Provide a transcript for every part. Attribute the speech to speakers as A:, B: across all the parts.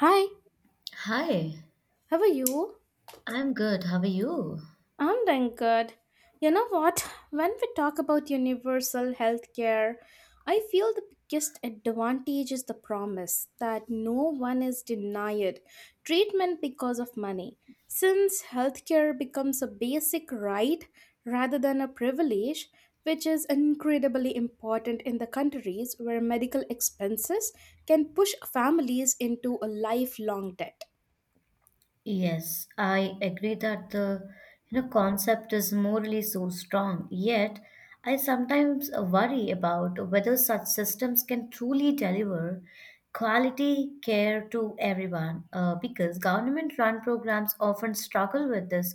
A: Hi,
B: Hi,
A: how are you?
B: I'm good. How are you?
A: I'm doing good. You know what? When we talk about universal healthcare, I feel the biggest advantage is the promise that no one is denied treatment because of money. Since healthcare becomes a basic right rather than a privilege, which is incredibly important in the countries where medical expenses can push families into a lifelong debt.
B: Yes, I agree that the concept is morally so strong. Yet, I sometimes worry about whether such systems can truly deliver quality care to everyone, because government-run programs often struggle with this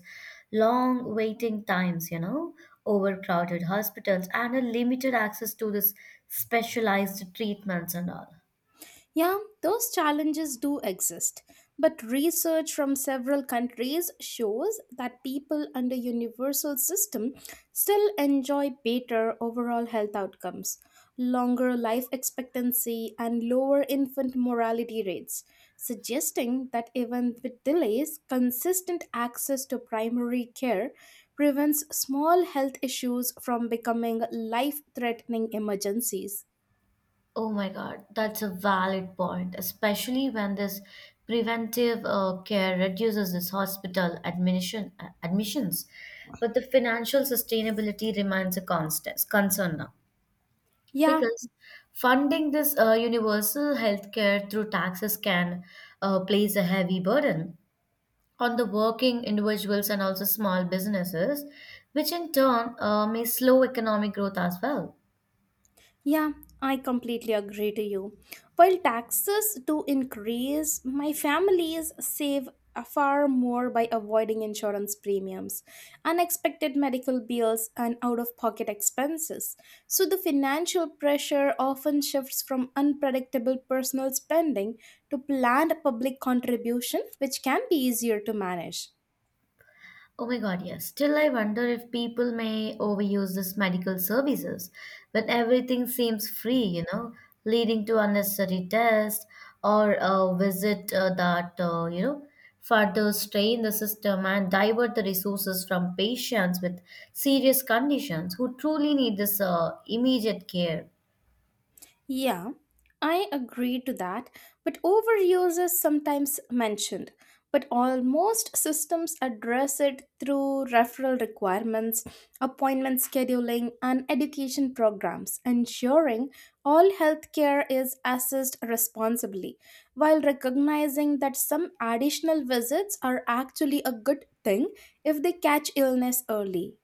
B: long waiting times, you know, overcrowded hospitals, and a limited access to this specialized treatments and all.
A: Yeah, those challenges do exist, but research from several countries shows that people under universal system still enjoy better overall health outcomes, longer life expectancy and lower infant mortality rates, suggesting that even with delays, consistent access to primary care prevents small health issues from becoming life-threatening emergencies.
B: Oh my God, that's a valid point, especially when this preventive care reduces this hospital admission admissions. But the financial sustainability remains a constant concern now
A: Yeah,
B: because funding this universal healthcare through taxes can place a heavy burden on the working individuals and also small businesses, which in turn may slow economic growth as well.
A: Yeah, I completely agree to you. While taxes do increase, my families save a far more by avoiding insurance premiums, unexpected medical bills, and out of pocket expenses. So the financial pressure often shifts from unpredictable personal spending to planned public contribution, which can be easier to manage.
B: Oh my God, yes. Still, I wonder if people may overuse this medical services when everything seems free, you know, leading to unnecessary tests or a visit that further strain the system and divert the resources from patients with serious conditions who truly need this immediate care.
A: Yeah, I agree to that, but overuse is sometimes mentioned. But almost systems address it through referral requirements, appointment scheduling, and education programs, ensuring all healthcare is assessed responsibly, while recognizing that some additional visits are actually a good thing if they catch illness early.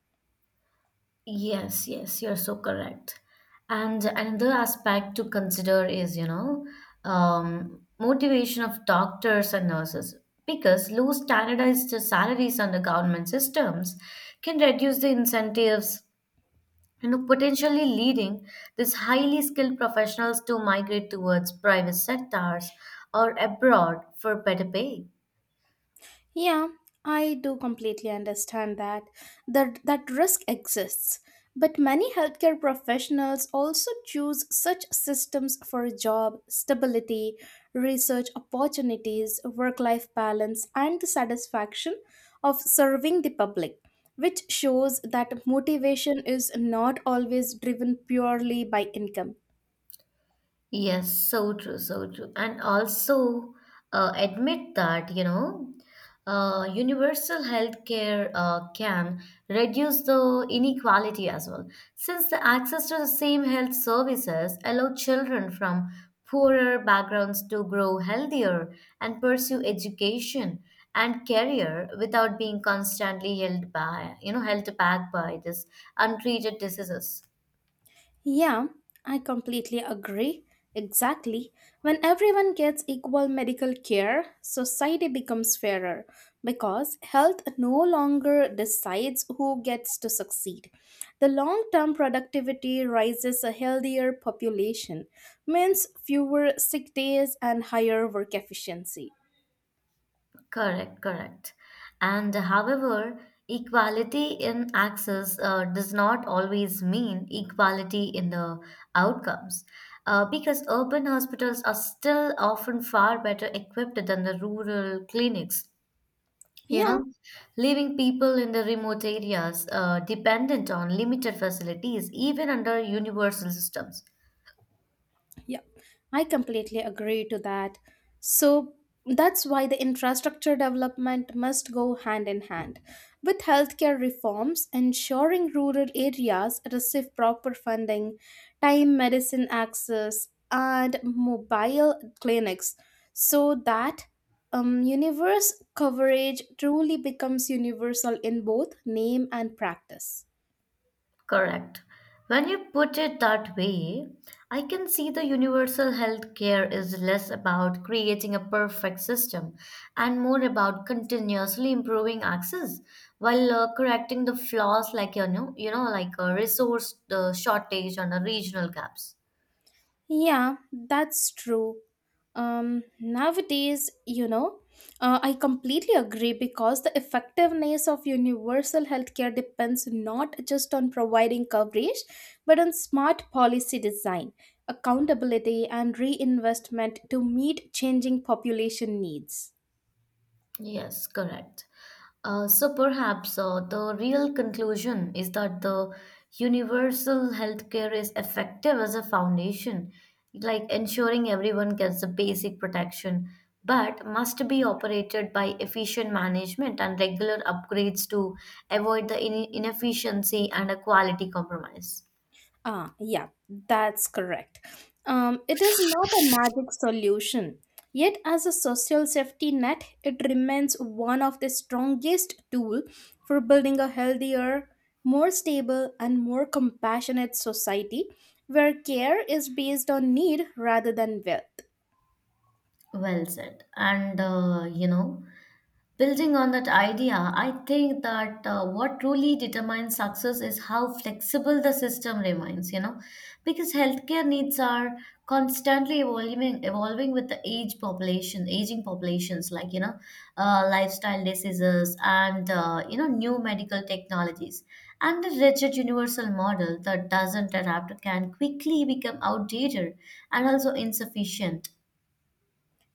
B: Yes, yes, you're so correct. And another aspect to consider is, you know, motivation of doctors and nurses because low standardized salaries under government systems can reduce the incentives, you know, potentially leading these highly skilled professionals to migrate towards private sectors or abroad for better pay.
A: Yeah, I do completely understand that that risk exists. But many healthcare professionals also choose such systems for job stability, research opportunities, work-life balance, and the satisfaction of serving the public, which shows that motivation is not always driven purely by income.
B: Yes, so true, so true. And also admit that, you know, universal healthcare can reduce the inequality as well, since the access to the same health services allow children from poorer backgrounds to grow healthier and pursue education and career without being constantly held by, you know, held back by this untreated diseases.
A: Yeah, I completely agree. Exactly. When everyone gets equal medical care, society becomes fairer because health no longer decides who gets to succeed. The long term productivity rises. A healthier population, means fewer sick days and higher work efficiency.
B: Correct, correct. And however, equality in access does not always mean equality in the outcomes. Because urban hospitals are still often far better equipped than the rural clinics, you
A: Yeah,
B: know, leaving people in the remote areas dependent on limited facilities, even under universal systems.
A: Yeah, I completely agree to that. So that's why the infrastructure development must go hand in hand with healthcare reforms, ensuring rural areas receive proper funding, time medicine access, and mobile clinics so that universe coverage truly becomes universal in both name and practice.
B: Correct. When you put it that way, I can see the universal health care is less about creating a perfect system and more about continuously improving access while correcting the flaws like like a resource shortage and the regional gaps.
A: Yeah, that's true. Nowadays, I completely agree because the effectiveness of universal healthcare depends not just on providing coverage, but on smart policy design, accountability, and reinvestment to meet changing population needs.
B: Yes, correct. So perhaps the real conclusion is that the universal healthcare is effective as a foundation, like ensuring everyone gets the basic protection, but must be operated by efficient management and regular upgrades to avoid the inefficiency and a quality compromise.
A: Yeah, that's correct. It is not a magic solution. Yet, as a social safety net, it remains one of the strongest tool for building a healthier, more stable, and more compassionate society where care is based on need rather than will.
B: Well said. And you know, building on that idea, I think that what truly determines success is how flexible the system remains, you know, because healthcare needs are constantly evolving with the aging populations, like, you know, lifestyle diseases and, you know, new medical technologies. And a rigid universal model that doesn't adapt can quickly become outdated and also insufficient.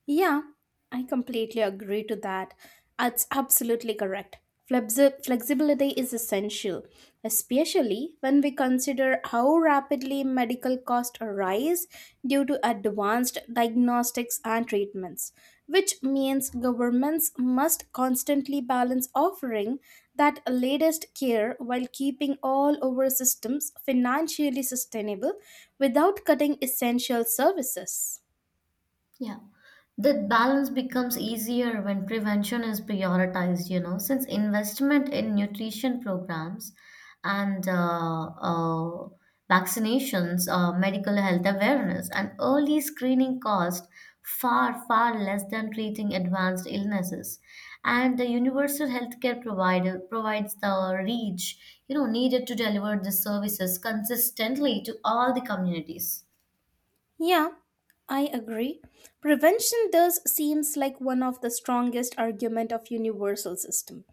A: Yeah, I completely agree to that. That's absolutely correct. Flexibility is essential, especially when we consider how rapidly medical costs rise due to advanced diagnostics and treatments, which means governments must constantly balance offering that latest care while keeping all our systems financially sustainable without cutting essential services.
B: Yeah. That balance becomes easier when prevention is prioritized, you know, since investment in nutrition programs and vaccinations, medical health awareness, and early screening cost far, far less than treating advanced illnesses. And the universal healthcare provider provides the reach, you know, needed to deliver the services consistently to all the communities.
A: Yeah, I agree. Prevention thus seems like one of the strongest argument of universal system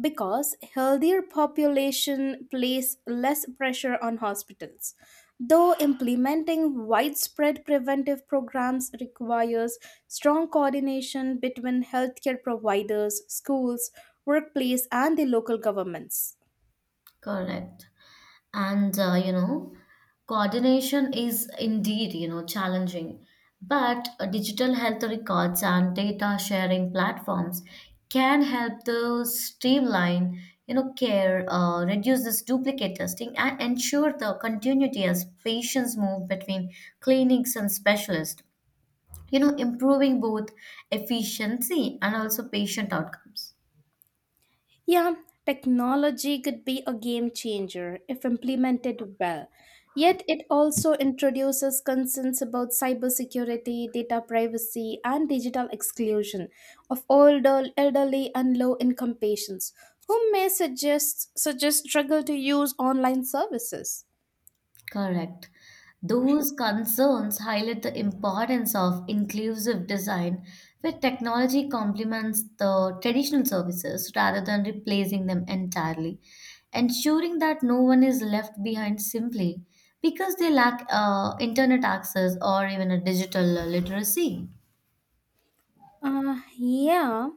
A: because healthier population place less pressure on hospitals. Though implementing widespread preventive programs requires strong coordination between healthcare providers, schools, workplace and the local governments.
B: Correct. And you know, coordination is indeed, you know, challenging but digital health records and data sharing platforms can help to streamline, you know, care, reduce this duplicate testing and ensure the continuity as patients move between clinics and specialists, you know, improving both efficiency and also patient outcomes.
A: Yeah, technology could be a game changer if implemented well. Yet it also introduces concerns about cybersecurity, data privacy, and digital exclusion of older, elderly, and low-income patients who may suggest struggle to use online services.
B: Correct. Those concerns highlight the importance of inclusive design, where technology complements the traditional services rather than replacing them entirely, ensuring that no one is left behind simply because they lack internet access or even a digital literacy.
A: Yeah.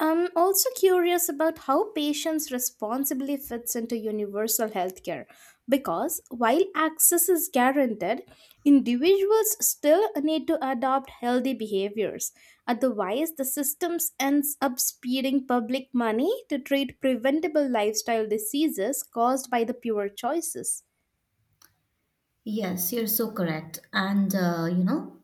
A: I'm also curious about how patients responsibly fits into universal healthcare because while access is guaranteed, individuals still need to adopt healthy behaviors. Otherwise, the systems ends up speeding public money to treat preventable lifestyle diseases caused by the poor choices.
B: Yes, you're so correct. And you know,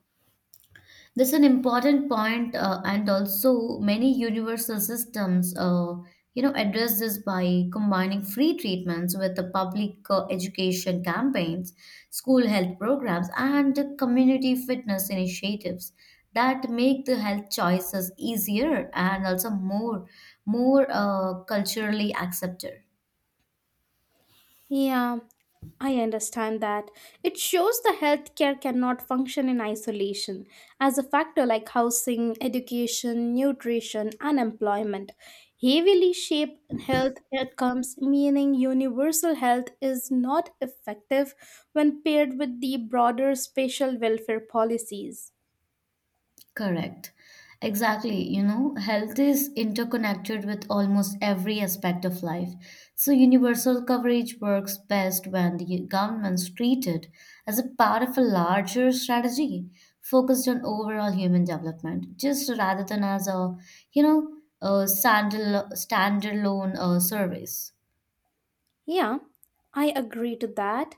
B: this is an important point, and also many universal systems, you know, address this by combining free treatments with the public education campaigns, school health programs, and community fitness initiatives that make the health choices easier and also more culturally accepted.
A: Yeah, I understand that. It shows the healthcare cannot function in isolation as a factor like housing, education, nutrition, and employment. Heavily shape health outcomes, meaning universal health is not effective when paired with the broader spatial welfare policies.
B: Correct. Exactly. You know, health is interconnected with almost every aspect of life. So, universal coverage works best when the governments treat it as a part of a larger strategy focused on overall human development, just rather than as a, you know, a standalone service.
A: Yeah, I agree to that.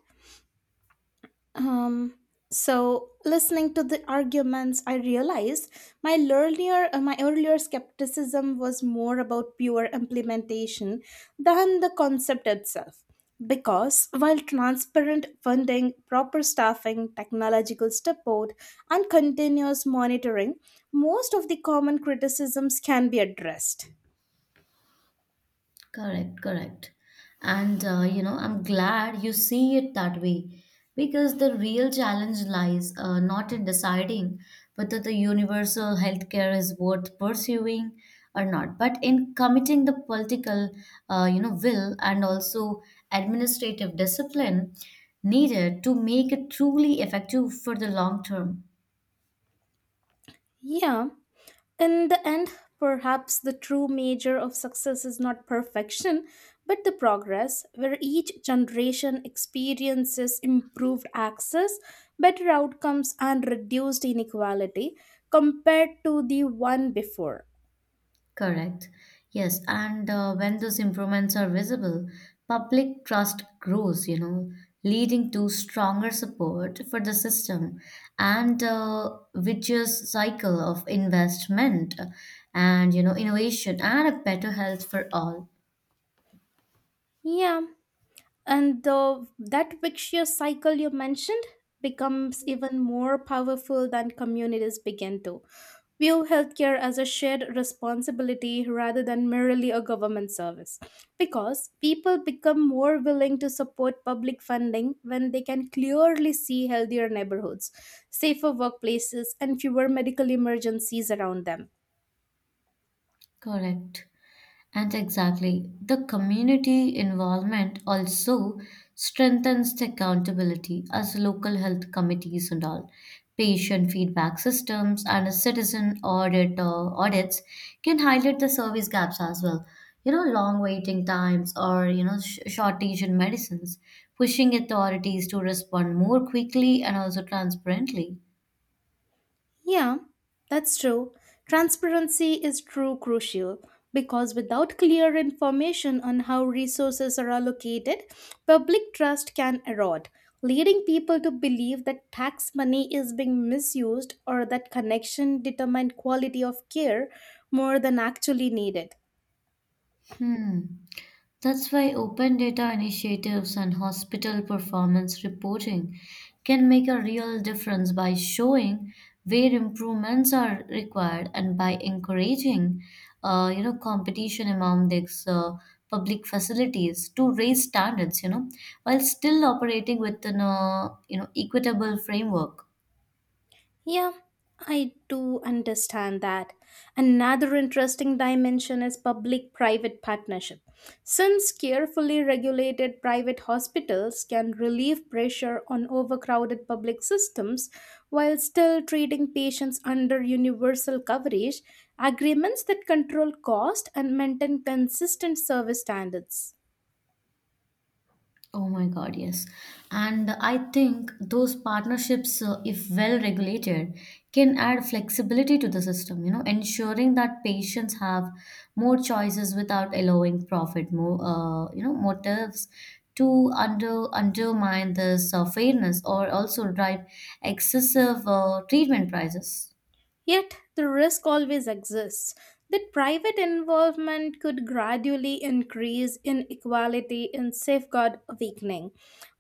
A: Um, so listening to the arguments, I realized my earlier skepticism was more about pure implementation than the concept itself. Because while transparent funding, proper staffing, technological support, and continuous monitoring most of the common criticisms can be addressed.
B: Correct, correct. And you know, I'm glad you see it that way because the real challenge lies not in deciding whether the universal healthcare is worth pursuing or not, but in committing the political, you know, will and also administrative discipline needed to make it truly effective for the long term.
A: Yeah, in the end, perhaps the true measure of success is not perfection, but the progress, where each generation experiences improved access, better outcomes, and reduced inequality compared to the one before.
B: Correct. Yes, and when those improvements are visible, public trust grows, you know, leading to stronger support for the system and vicious cycle of investment and, you know, innovation and a better health for all.
A: Yeah, that vicious cycle you mentioned becomes even more powerful than communities begin to view healthcare as a shared responsibility rather than merely a government service. Because people become more willing to support public funding when they can clearly see healthier neighborhoods, safer workplaces, and fewer medical emergencies around them.
B: Correct. And exactly, the community involvement also strengthens the accountability as local health committees and all. Patient feedback systems and a citizen audit or audits can highlight the service gaps as well. You know, long waiting times or, you know, shortage in medicines, pushing authorities to respond more quickly and also transparently.
A: Yeah, that's true. Transparency is true crucial because without clear information on how resources are allocated, public trust can erode, leading people to believe that tax money is being misused or that connection determine quality of care more than actually needed.
B: Hmm. That's why open data initiatives and hospital performance reporting can make a real difference by showing where improvements are required and by encouraging, you know, competition among these public facilities to raise standards, you know, while still operating within a, you know, equitable framework.
A: Yeah, I do understand that. Another interesting dimension is public private partnership. Since carefully regulated private hospitals can relieve pressure on overcrowded public systems while still treating patients under universal coverage, agreements that control cost and maintain consistent service standards.
B: Oh my God, yes. And I think those partnerships, if well regulated, can add flexibility to the system, you know, ensuring that patients have more choices without allowing profit more, you know, motives to undermine this fairness or also drive excessive treatment prices.
A: Yet, the risk always exists that private involvement could gradually increase inequality and safeguard weakening,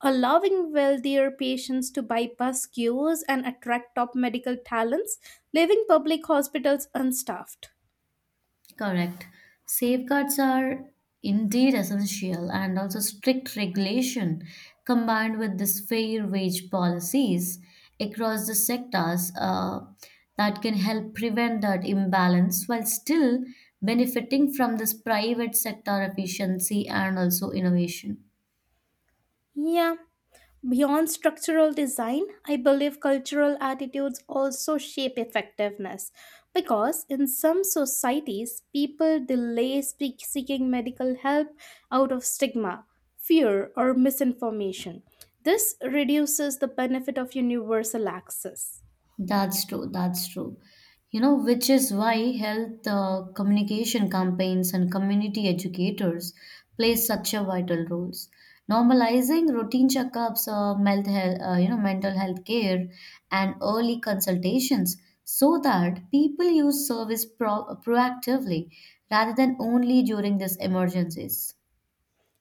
A: allowing wealthier patients to bypass queues and attract top medical talents, leaving public hospitals unstaffed.
B: Correct. Safeguards are indeed essential, and also strict regulation combined with this fair wage policies across the sectors that can help prevent that imbalance while still benefiting from this private sector efficiency and also innovation.
A: Yeah, beyond structural design, I believe cultural attitudes also shape effectiveness because in some societies, people delay seeking medical help out of stigma, fear, or misinformation. This reduces the benefit of universal access.
B: That's true. That's true. You know, which is why health communication campaigns and community educators play such a vital roles. Normalizing routine checkups, melt health, you know, mental health care, and early consultations, so that people use service proactively rather than only during these emergencies.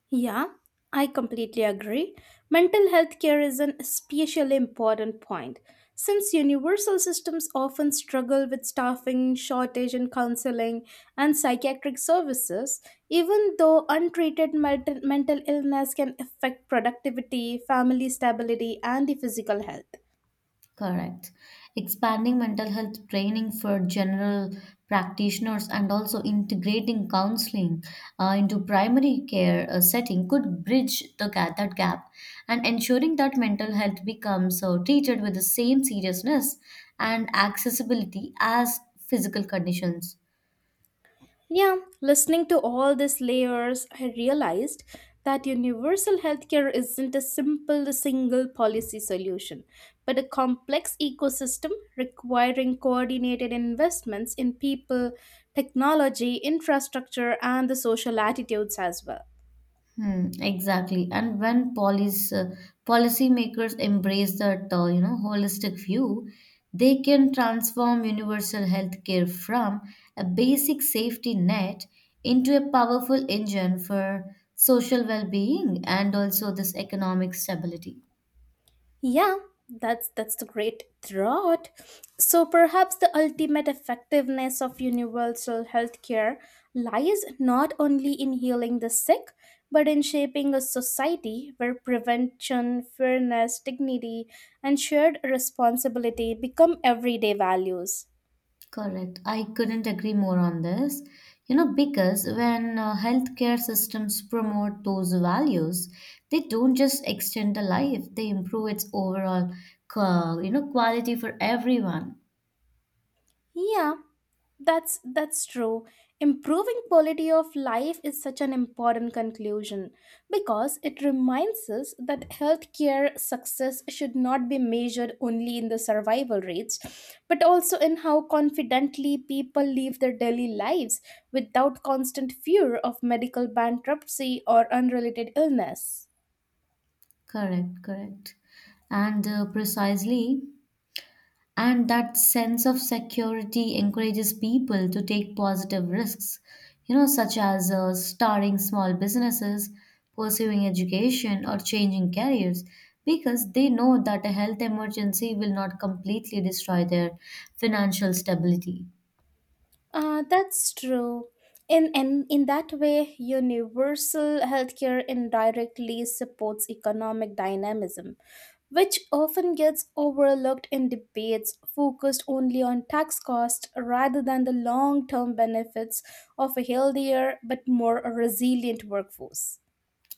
A: Yeah, I completely agree. Mental health care is an especially important point since universal systems often struggle with staffing, shortage in counseling, and psychiatric services, even though untreated mental illness can affect productivity, family stability, and the physical health.
B: Correct. Expanding mental health training for general practitioners and also integrating counseling into primary care setting could bridge that gap and ensuring that mental health becomes treated with the same seriousness and accessibility as physical conditions.
A: Yeah, listening to all these layers, I realized that universal healthcare isn't a simple single policy solution, but a complex ecosystem requiring coordinated investments in people, technology, infrastructure, and the social attitudes as well.
B: Hmm, exactly. And when police policymakers embrace that, you know, holistic view, they can transform universal health care from a basic safety net into a powerful engine for social well-being and also this economic stability.
A: Yeah, that's the great thought. So perhaps the ultimate effectiveness of universal healthcare lies not only in healing the sick, but in shaping a society where prevention, fairness, dignity, and shared responsibility become everyday values.
B: Correct. I couldn't agree more on this. You know, because when healthcare systems promote those values, they don't just extend the life, they improve its overall, you know, quality for everyone.
A: Yeah. That's true. Improving quality of life is such an important conclusion because it reminds us that healthcare success should not be measured only in the survival rates, but also in how confidently people live their daily lives without constant fear of medical bankruptcy or unrelated illness.
B: Correct, correct. And precisely, and that sense of security encourages people to take positive risks, you know, such as starting small businesses, pursuing education or changing careers because they know that a health emergency will not completely destroy their financial stability.
A: That's true. In that way, universal healthcare indirectly supports economic dynamism, which often gets overlooked in debates focused only on tax costs rather than the long term benefits of a healthier but more resilient workforce.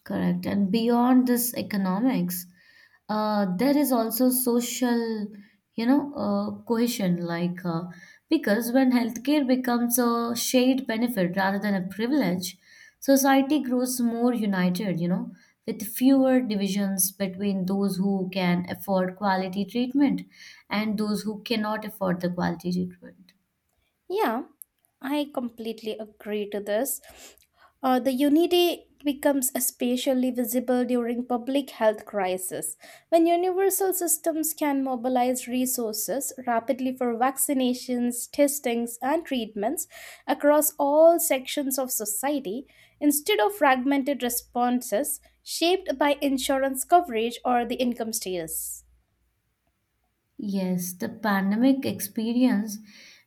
B: Correct. And beyond this economics, there is also social, you know, cohesion. Like, because when healthcare becomes a shared benefit rather than a privilege, society grows more united, you know, with fewer divisions between those who can afford quality treatment and those who cannot afford the quality treatment.
A: Yeah, I completely agree to this. The unity becomes especially visible during public health crisis when universal systems can mobilize resources rapidly for vaccinations testings and treatments across all sections of society instead of fragmented responses shaped by insurance coverage or the income status.
B: Yes, the pandemic experience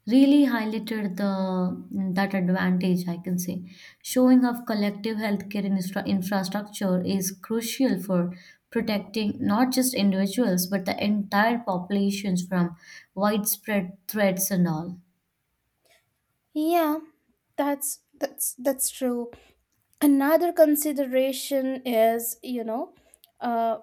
B: really highlighted the that advantage, I can say. Showing of collective healthcare infrastructure is crucial for protecting not just individuals but the entire populations from widespread threats and all.
A: Yeah, that's true. Another consideration is you know uh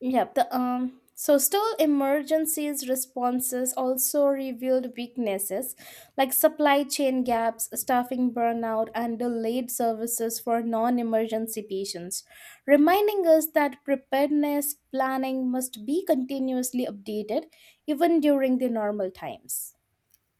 A: yeah the so still emergencies responses also revealed weaknesses like supply chain gaps staffing burnout and delayed services for non-emergency patients, reminding us that preparedness planning must be continuously updated even during the normal times.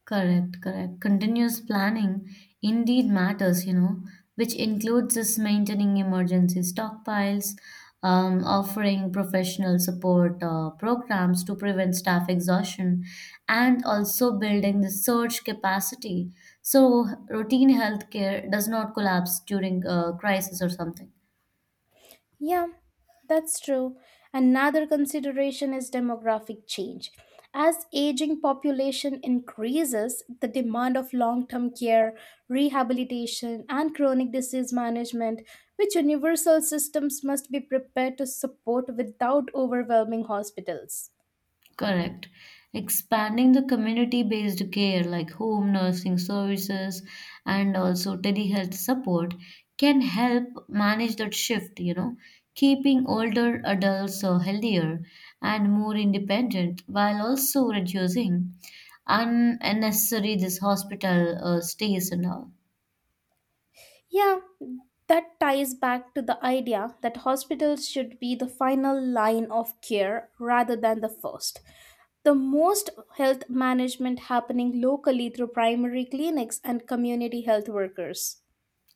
B: Correct, correct. Continuous planning indeed matters, you know, which includes us maintaining emergency stockpiles, offering professional support programs to prevent staff exhaustion, and also building the surge capacity so routine healthcare does not collapse during a crisis or something.
A: Yeah, that's true. Another consideration is demographic change. As aging population increases, the demand of long-term care, rehabilitation, and chronic disease management, which universal systems must be prepared to support without overwhelming hospitals.
B: Correct. Expanding the community based care like home nursing services and also telehealth support can help manage that shift, you know, keeping older adults healthier and more independent while also reducing unnecessary this hospital stays and all.
A: Yeah, that ties back to the idea that hospitals should be the final line of care rather than the first. The most health management happening locally through primary clinics and community health workers.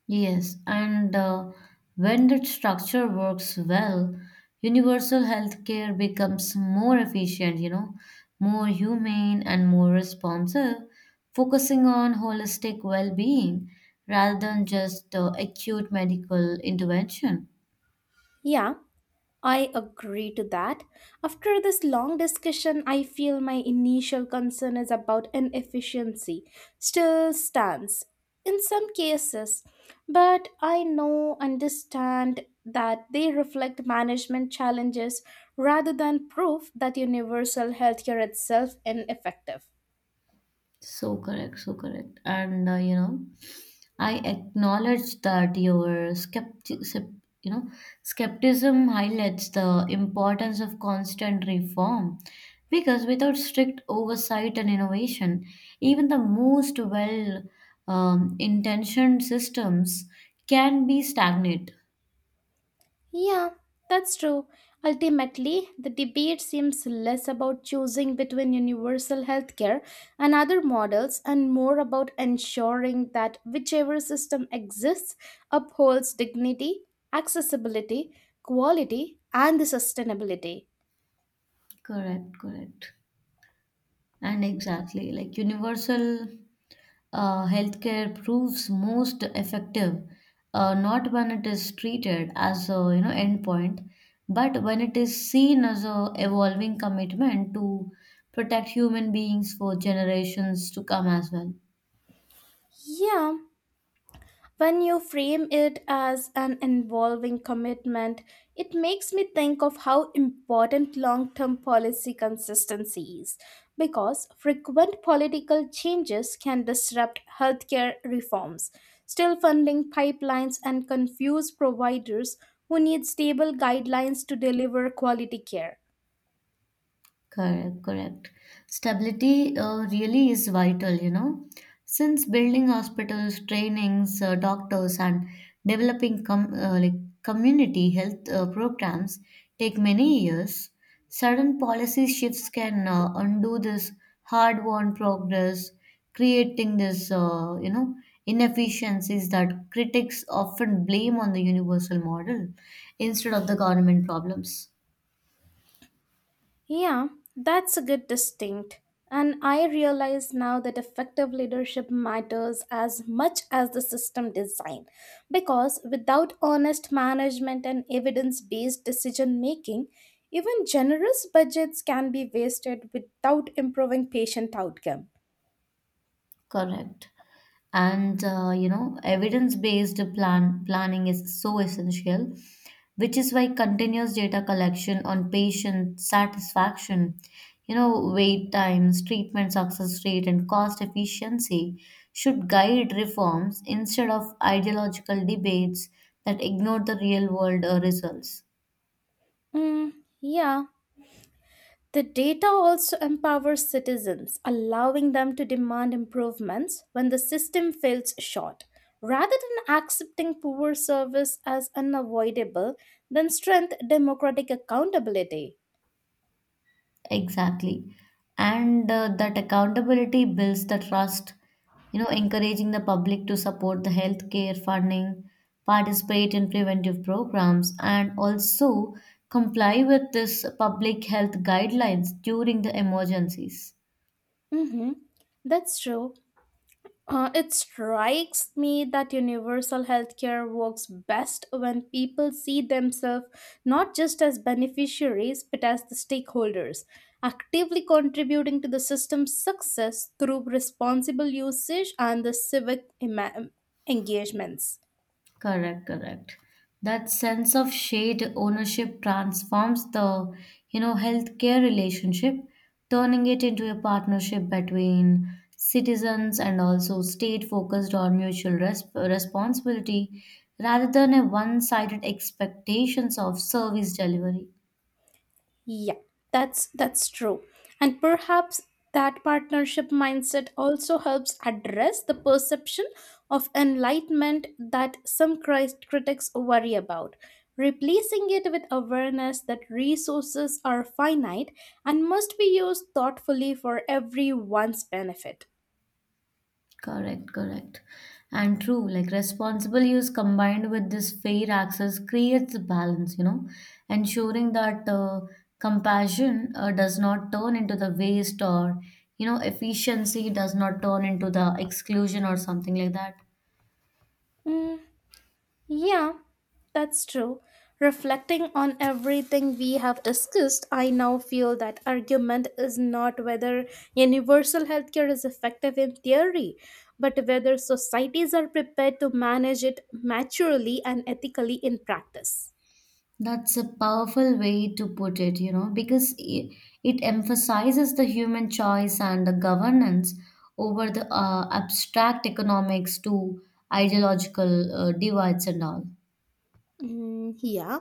B: Yes, and when that structure works well, universal healthcare becomes more efficient, you know, more humane and more responsive, focusing on holistic well being rather than just acute medical intervention.
A: Yeah, I agree to that. After this long discussion, I feel my initial concern is about inefficiency still stands in some cases, but I know understand that they reflect management challenges rather than proof that universal healthcare itself ineffective.
B: So correct, so correct. And you know, I acknowledge that your you know, skepticism highlights the importance of constant reform because without strict oversight and innovation, even the most well intentioned systems can be stagnant.
A: Yeah, that's true. Ultimately, the debate seems less about choosing between universal healthcare and other models and more about ensuring that whichever system exists upholds dignity, accessibility, quality, and the sustainability.
B: Correct, correct. And exactly, like universal healthcare proves most effective not when it is treated as a, you know, endpoint, but when it is seen as a evolving commitment to protect human beings for generations to come as well.
A: Yeah, when you frame it as an involving commitment, it makes me think of how important long term policy consistency is, because frequent political changes can disrupt healthcare reforms, still funding pipelines, and confuse providers who need stable guidelines to deliver quality care.
B: Correct, correct. Stability really is vital, you know, since building hospitals, trainings, doctors, and developing com like community health programs take many years. Sudden policy shifts can undo this hard-won progress, creating this, you know, inefficiencies that critics often blame on the universal model instead of the government problems.
A: Yeah, that's a good distinct. And I realize now that effective leadership matters as much as the system design. Because without honest management and evidence based decision making, even generous budgets can be wasted without improving patient outcome.
B: Correct. And you know, evidence-based planning is so essential, which is why continuous data collection on patient satisfaction, you know, wait times, treatment success rate, and cost efficiency should guide reforms instead of ideological debates that ignore the real-world results.
A: Mm, yeah, the data also empowers citizens, allowing them to demand improvements when the system falls short. Rather than accepting poor service as unavoidable, then strength democratic accountability.
B: Exactly. And that accountability builds the trust, you know, encouraging the public to support the healthcare funding, participate in preventive programs, and also comply with this public health guidelines during the emergencies.
A: Mhm. That's true. It strikes me that universal healthcare works best when people see themselves not just as beneficiaries but as the stakeholders, actively contributing to the system's success through responsible usage and the civic engagements.
B: Correct, correct. That sense of shared ownership transforms the, you know, healthcare relationship, turning it into a partnership between citizens and also state focused on mutual responsibility rather than a one-sided expectations of service delivery.
A: Yeah, that's true. And perhaps that partnership mindset also helps address the perception of enlightenment that some critics worry about, replacing it with awareness that resources are finite and must be used thoughtfully for everyone's benefit.
B: Correct, correct. And true, like responsible use combined with this fair access creates the balance, you know, ensuring that compassion does not turn into the waste or, you know, efficiency does not turn into the exclusion or something like that.
A: Hmm. Yeah, that's true. Reflecting on everything we have discussed, I now feel that argument is not whether universal healthcare is effective in theory, but whether societies are prepared to manage it maturely and ethically in practice.
B: That's a powerful way to put it, you know, because it emphasizes the human choice and the governance over the abstract economics to ideological divides and all.
A: Mm, yeah,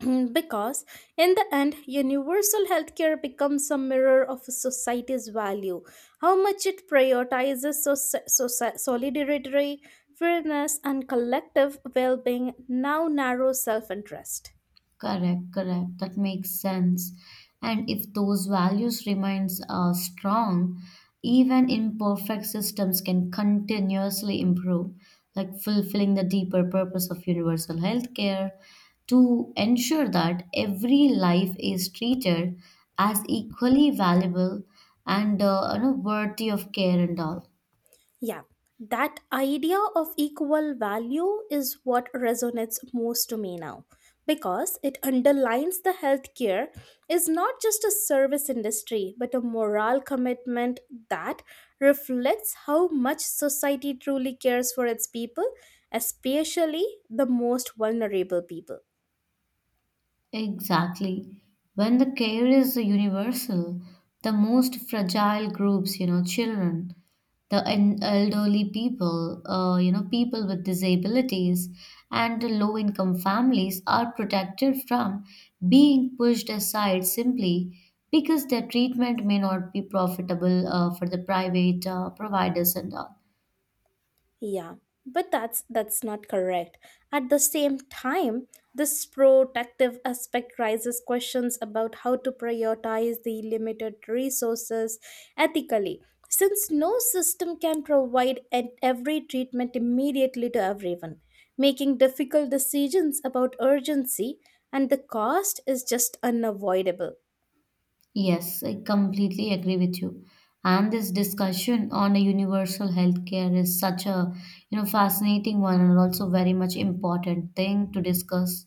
A: because in the end universal healthcare becomes a mirror of a society's value, how much it prioritizes solidarity, fairness and collective well-being now narrow self-interest.
B: Correct, correct. That makes sense. And if those values remains strong, even imperfect systems can continuously improve, like fulfilling the deeper purpose of universal healthcare to ensure that every life is treated as equally valuable and, you know, worthy of care and all.
A: Yeah, that idea of equal value is what resonates most to me now because it underlines the healthcare is not just a service industry but a moral commitment that reflects how much society truly cares for its people, especially the most vulnerable people.
B: Exactly. When the care is universal, the most fragile groups, you know, children, the elderly people, you know, people with disabilities, and the low income families are protected from being pushed aside simply because their treatment may not be profitable for the private providers and all.
A: Yeah, but that's not correct. At the same time, this protective aspect raises questions about how to prioritize the limited resources ethically, since no system can provide every treatment immediately to everyone. Making difficult decisions about urgency and the cost is just unavoidable.
B: Yes, I completely agree with you. And this discussion on a universal healthcare is such a, you know, fascinating one and also very much important thing to discuss.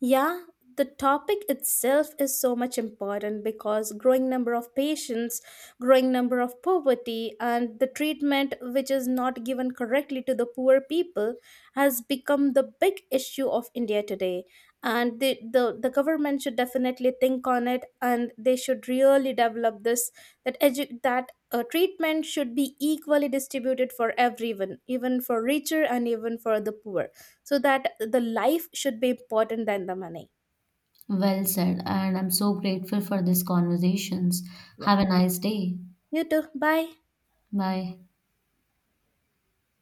A: Yeah, the topic itself is so much important because growing number of patients, growing number of poverty and the treatment which is not given correctly to the poor people has become the big issue of India today. And the government should definitely think on it and they should really develop this that treatment should be equally distributed for everyone, even for richer and even for the poor so that the life should be important than the money.
B: Well said, and I'm so grateful for these conversations.
A: Yeah,
B: Have a nice day.
A: you too, bye.
B: Bye.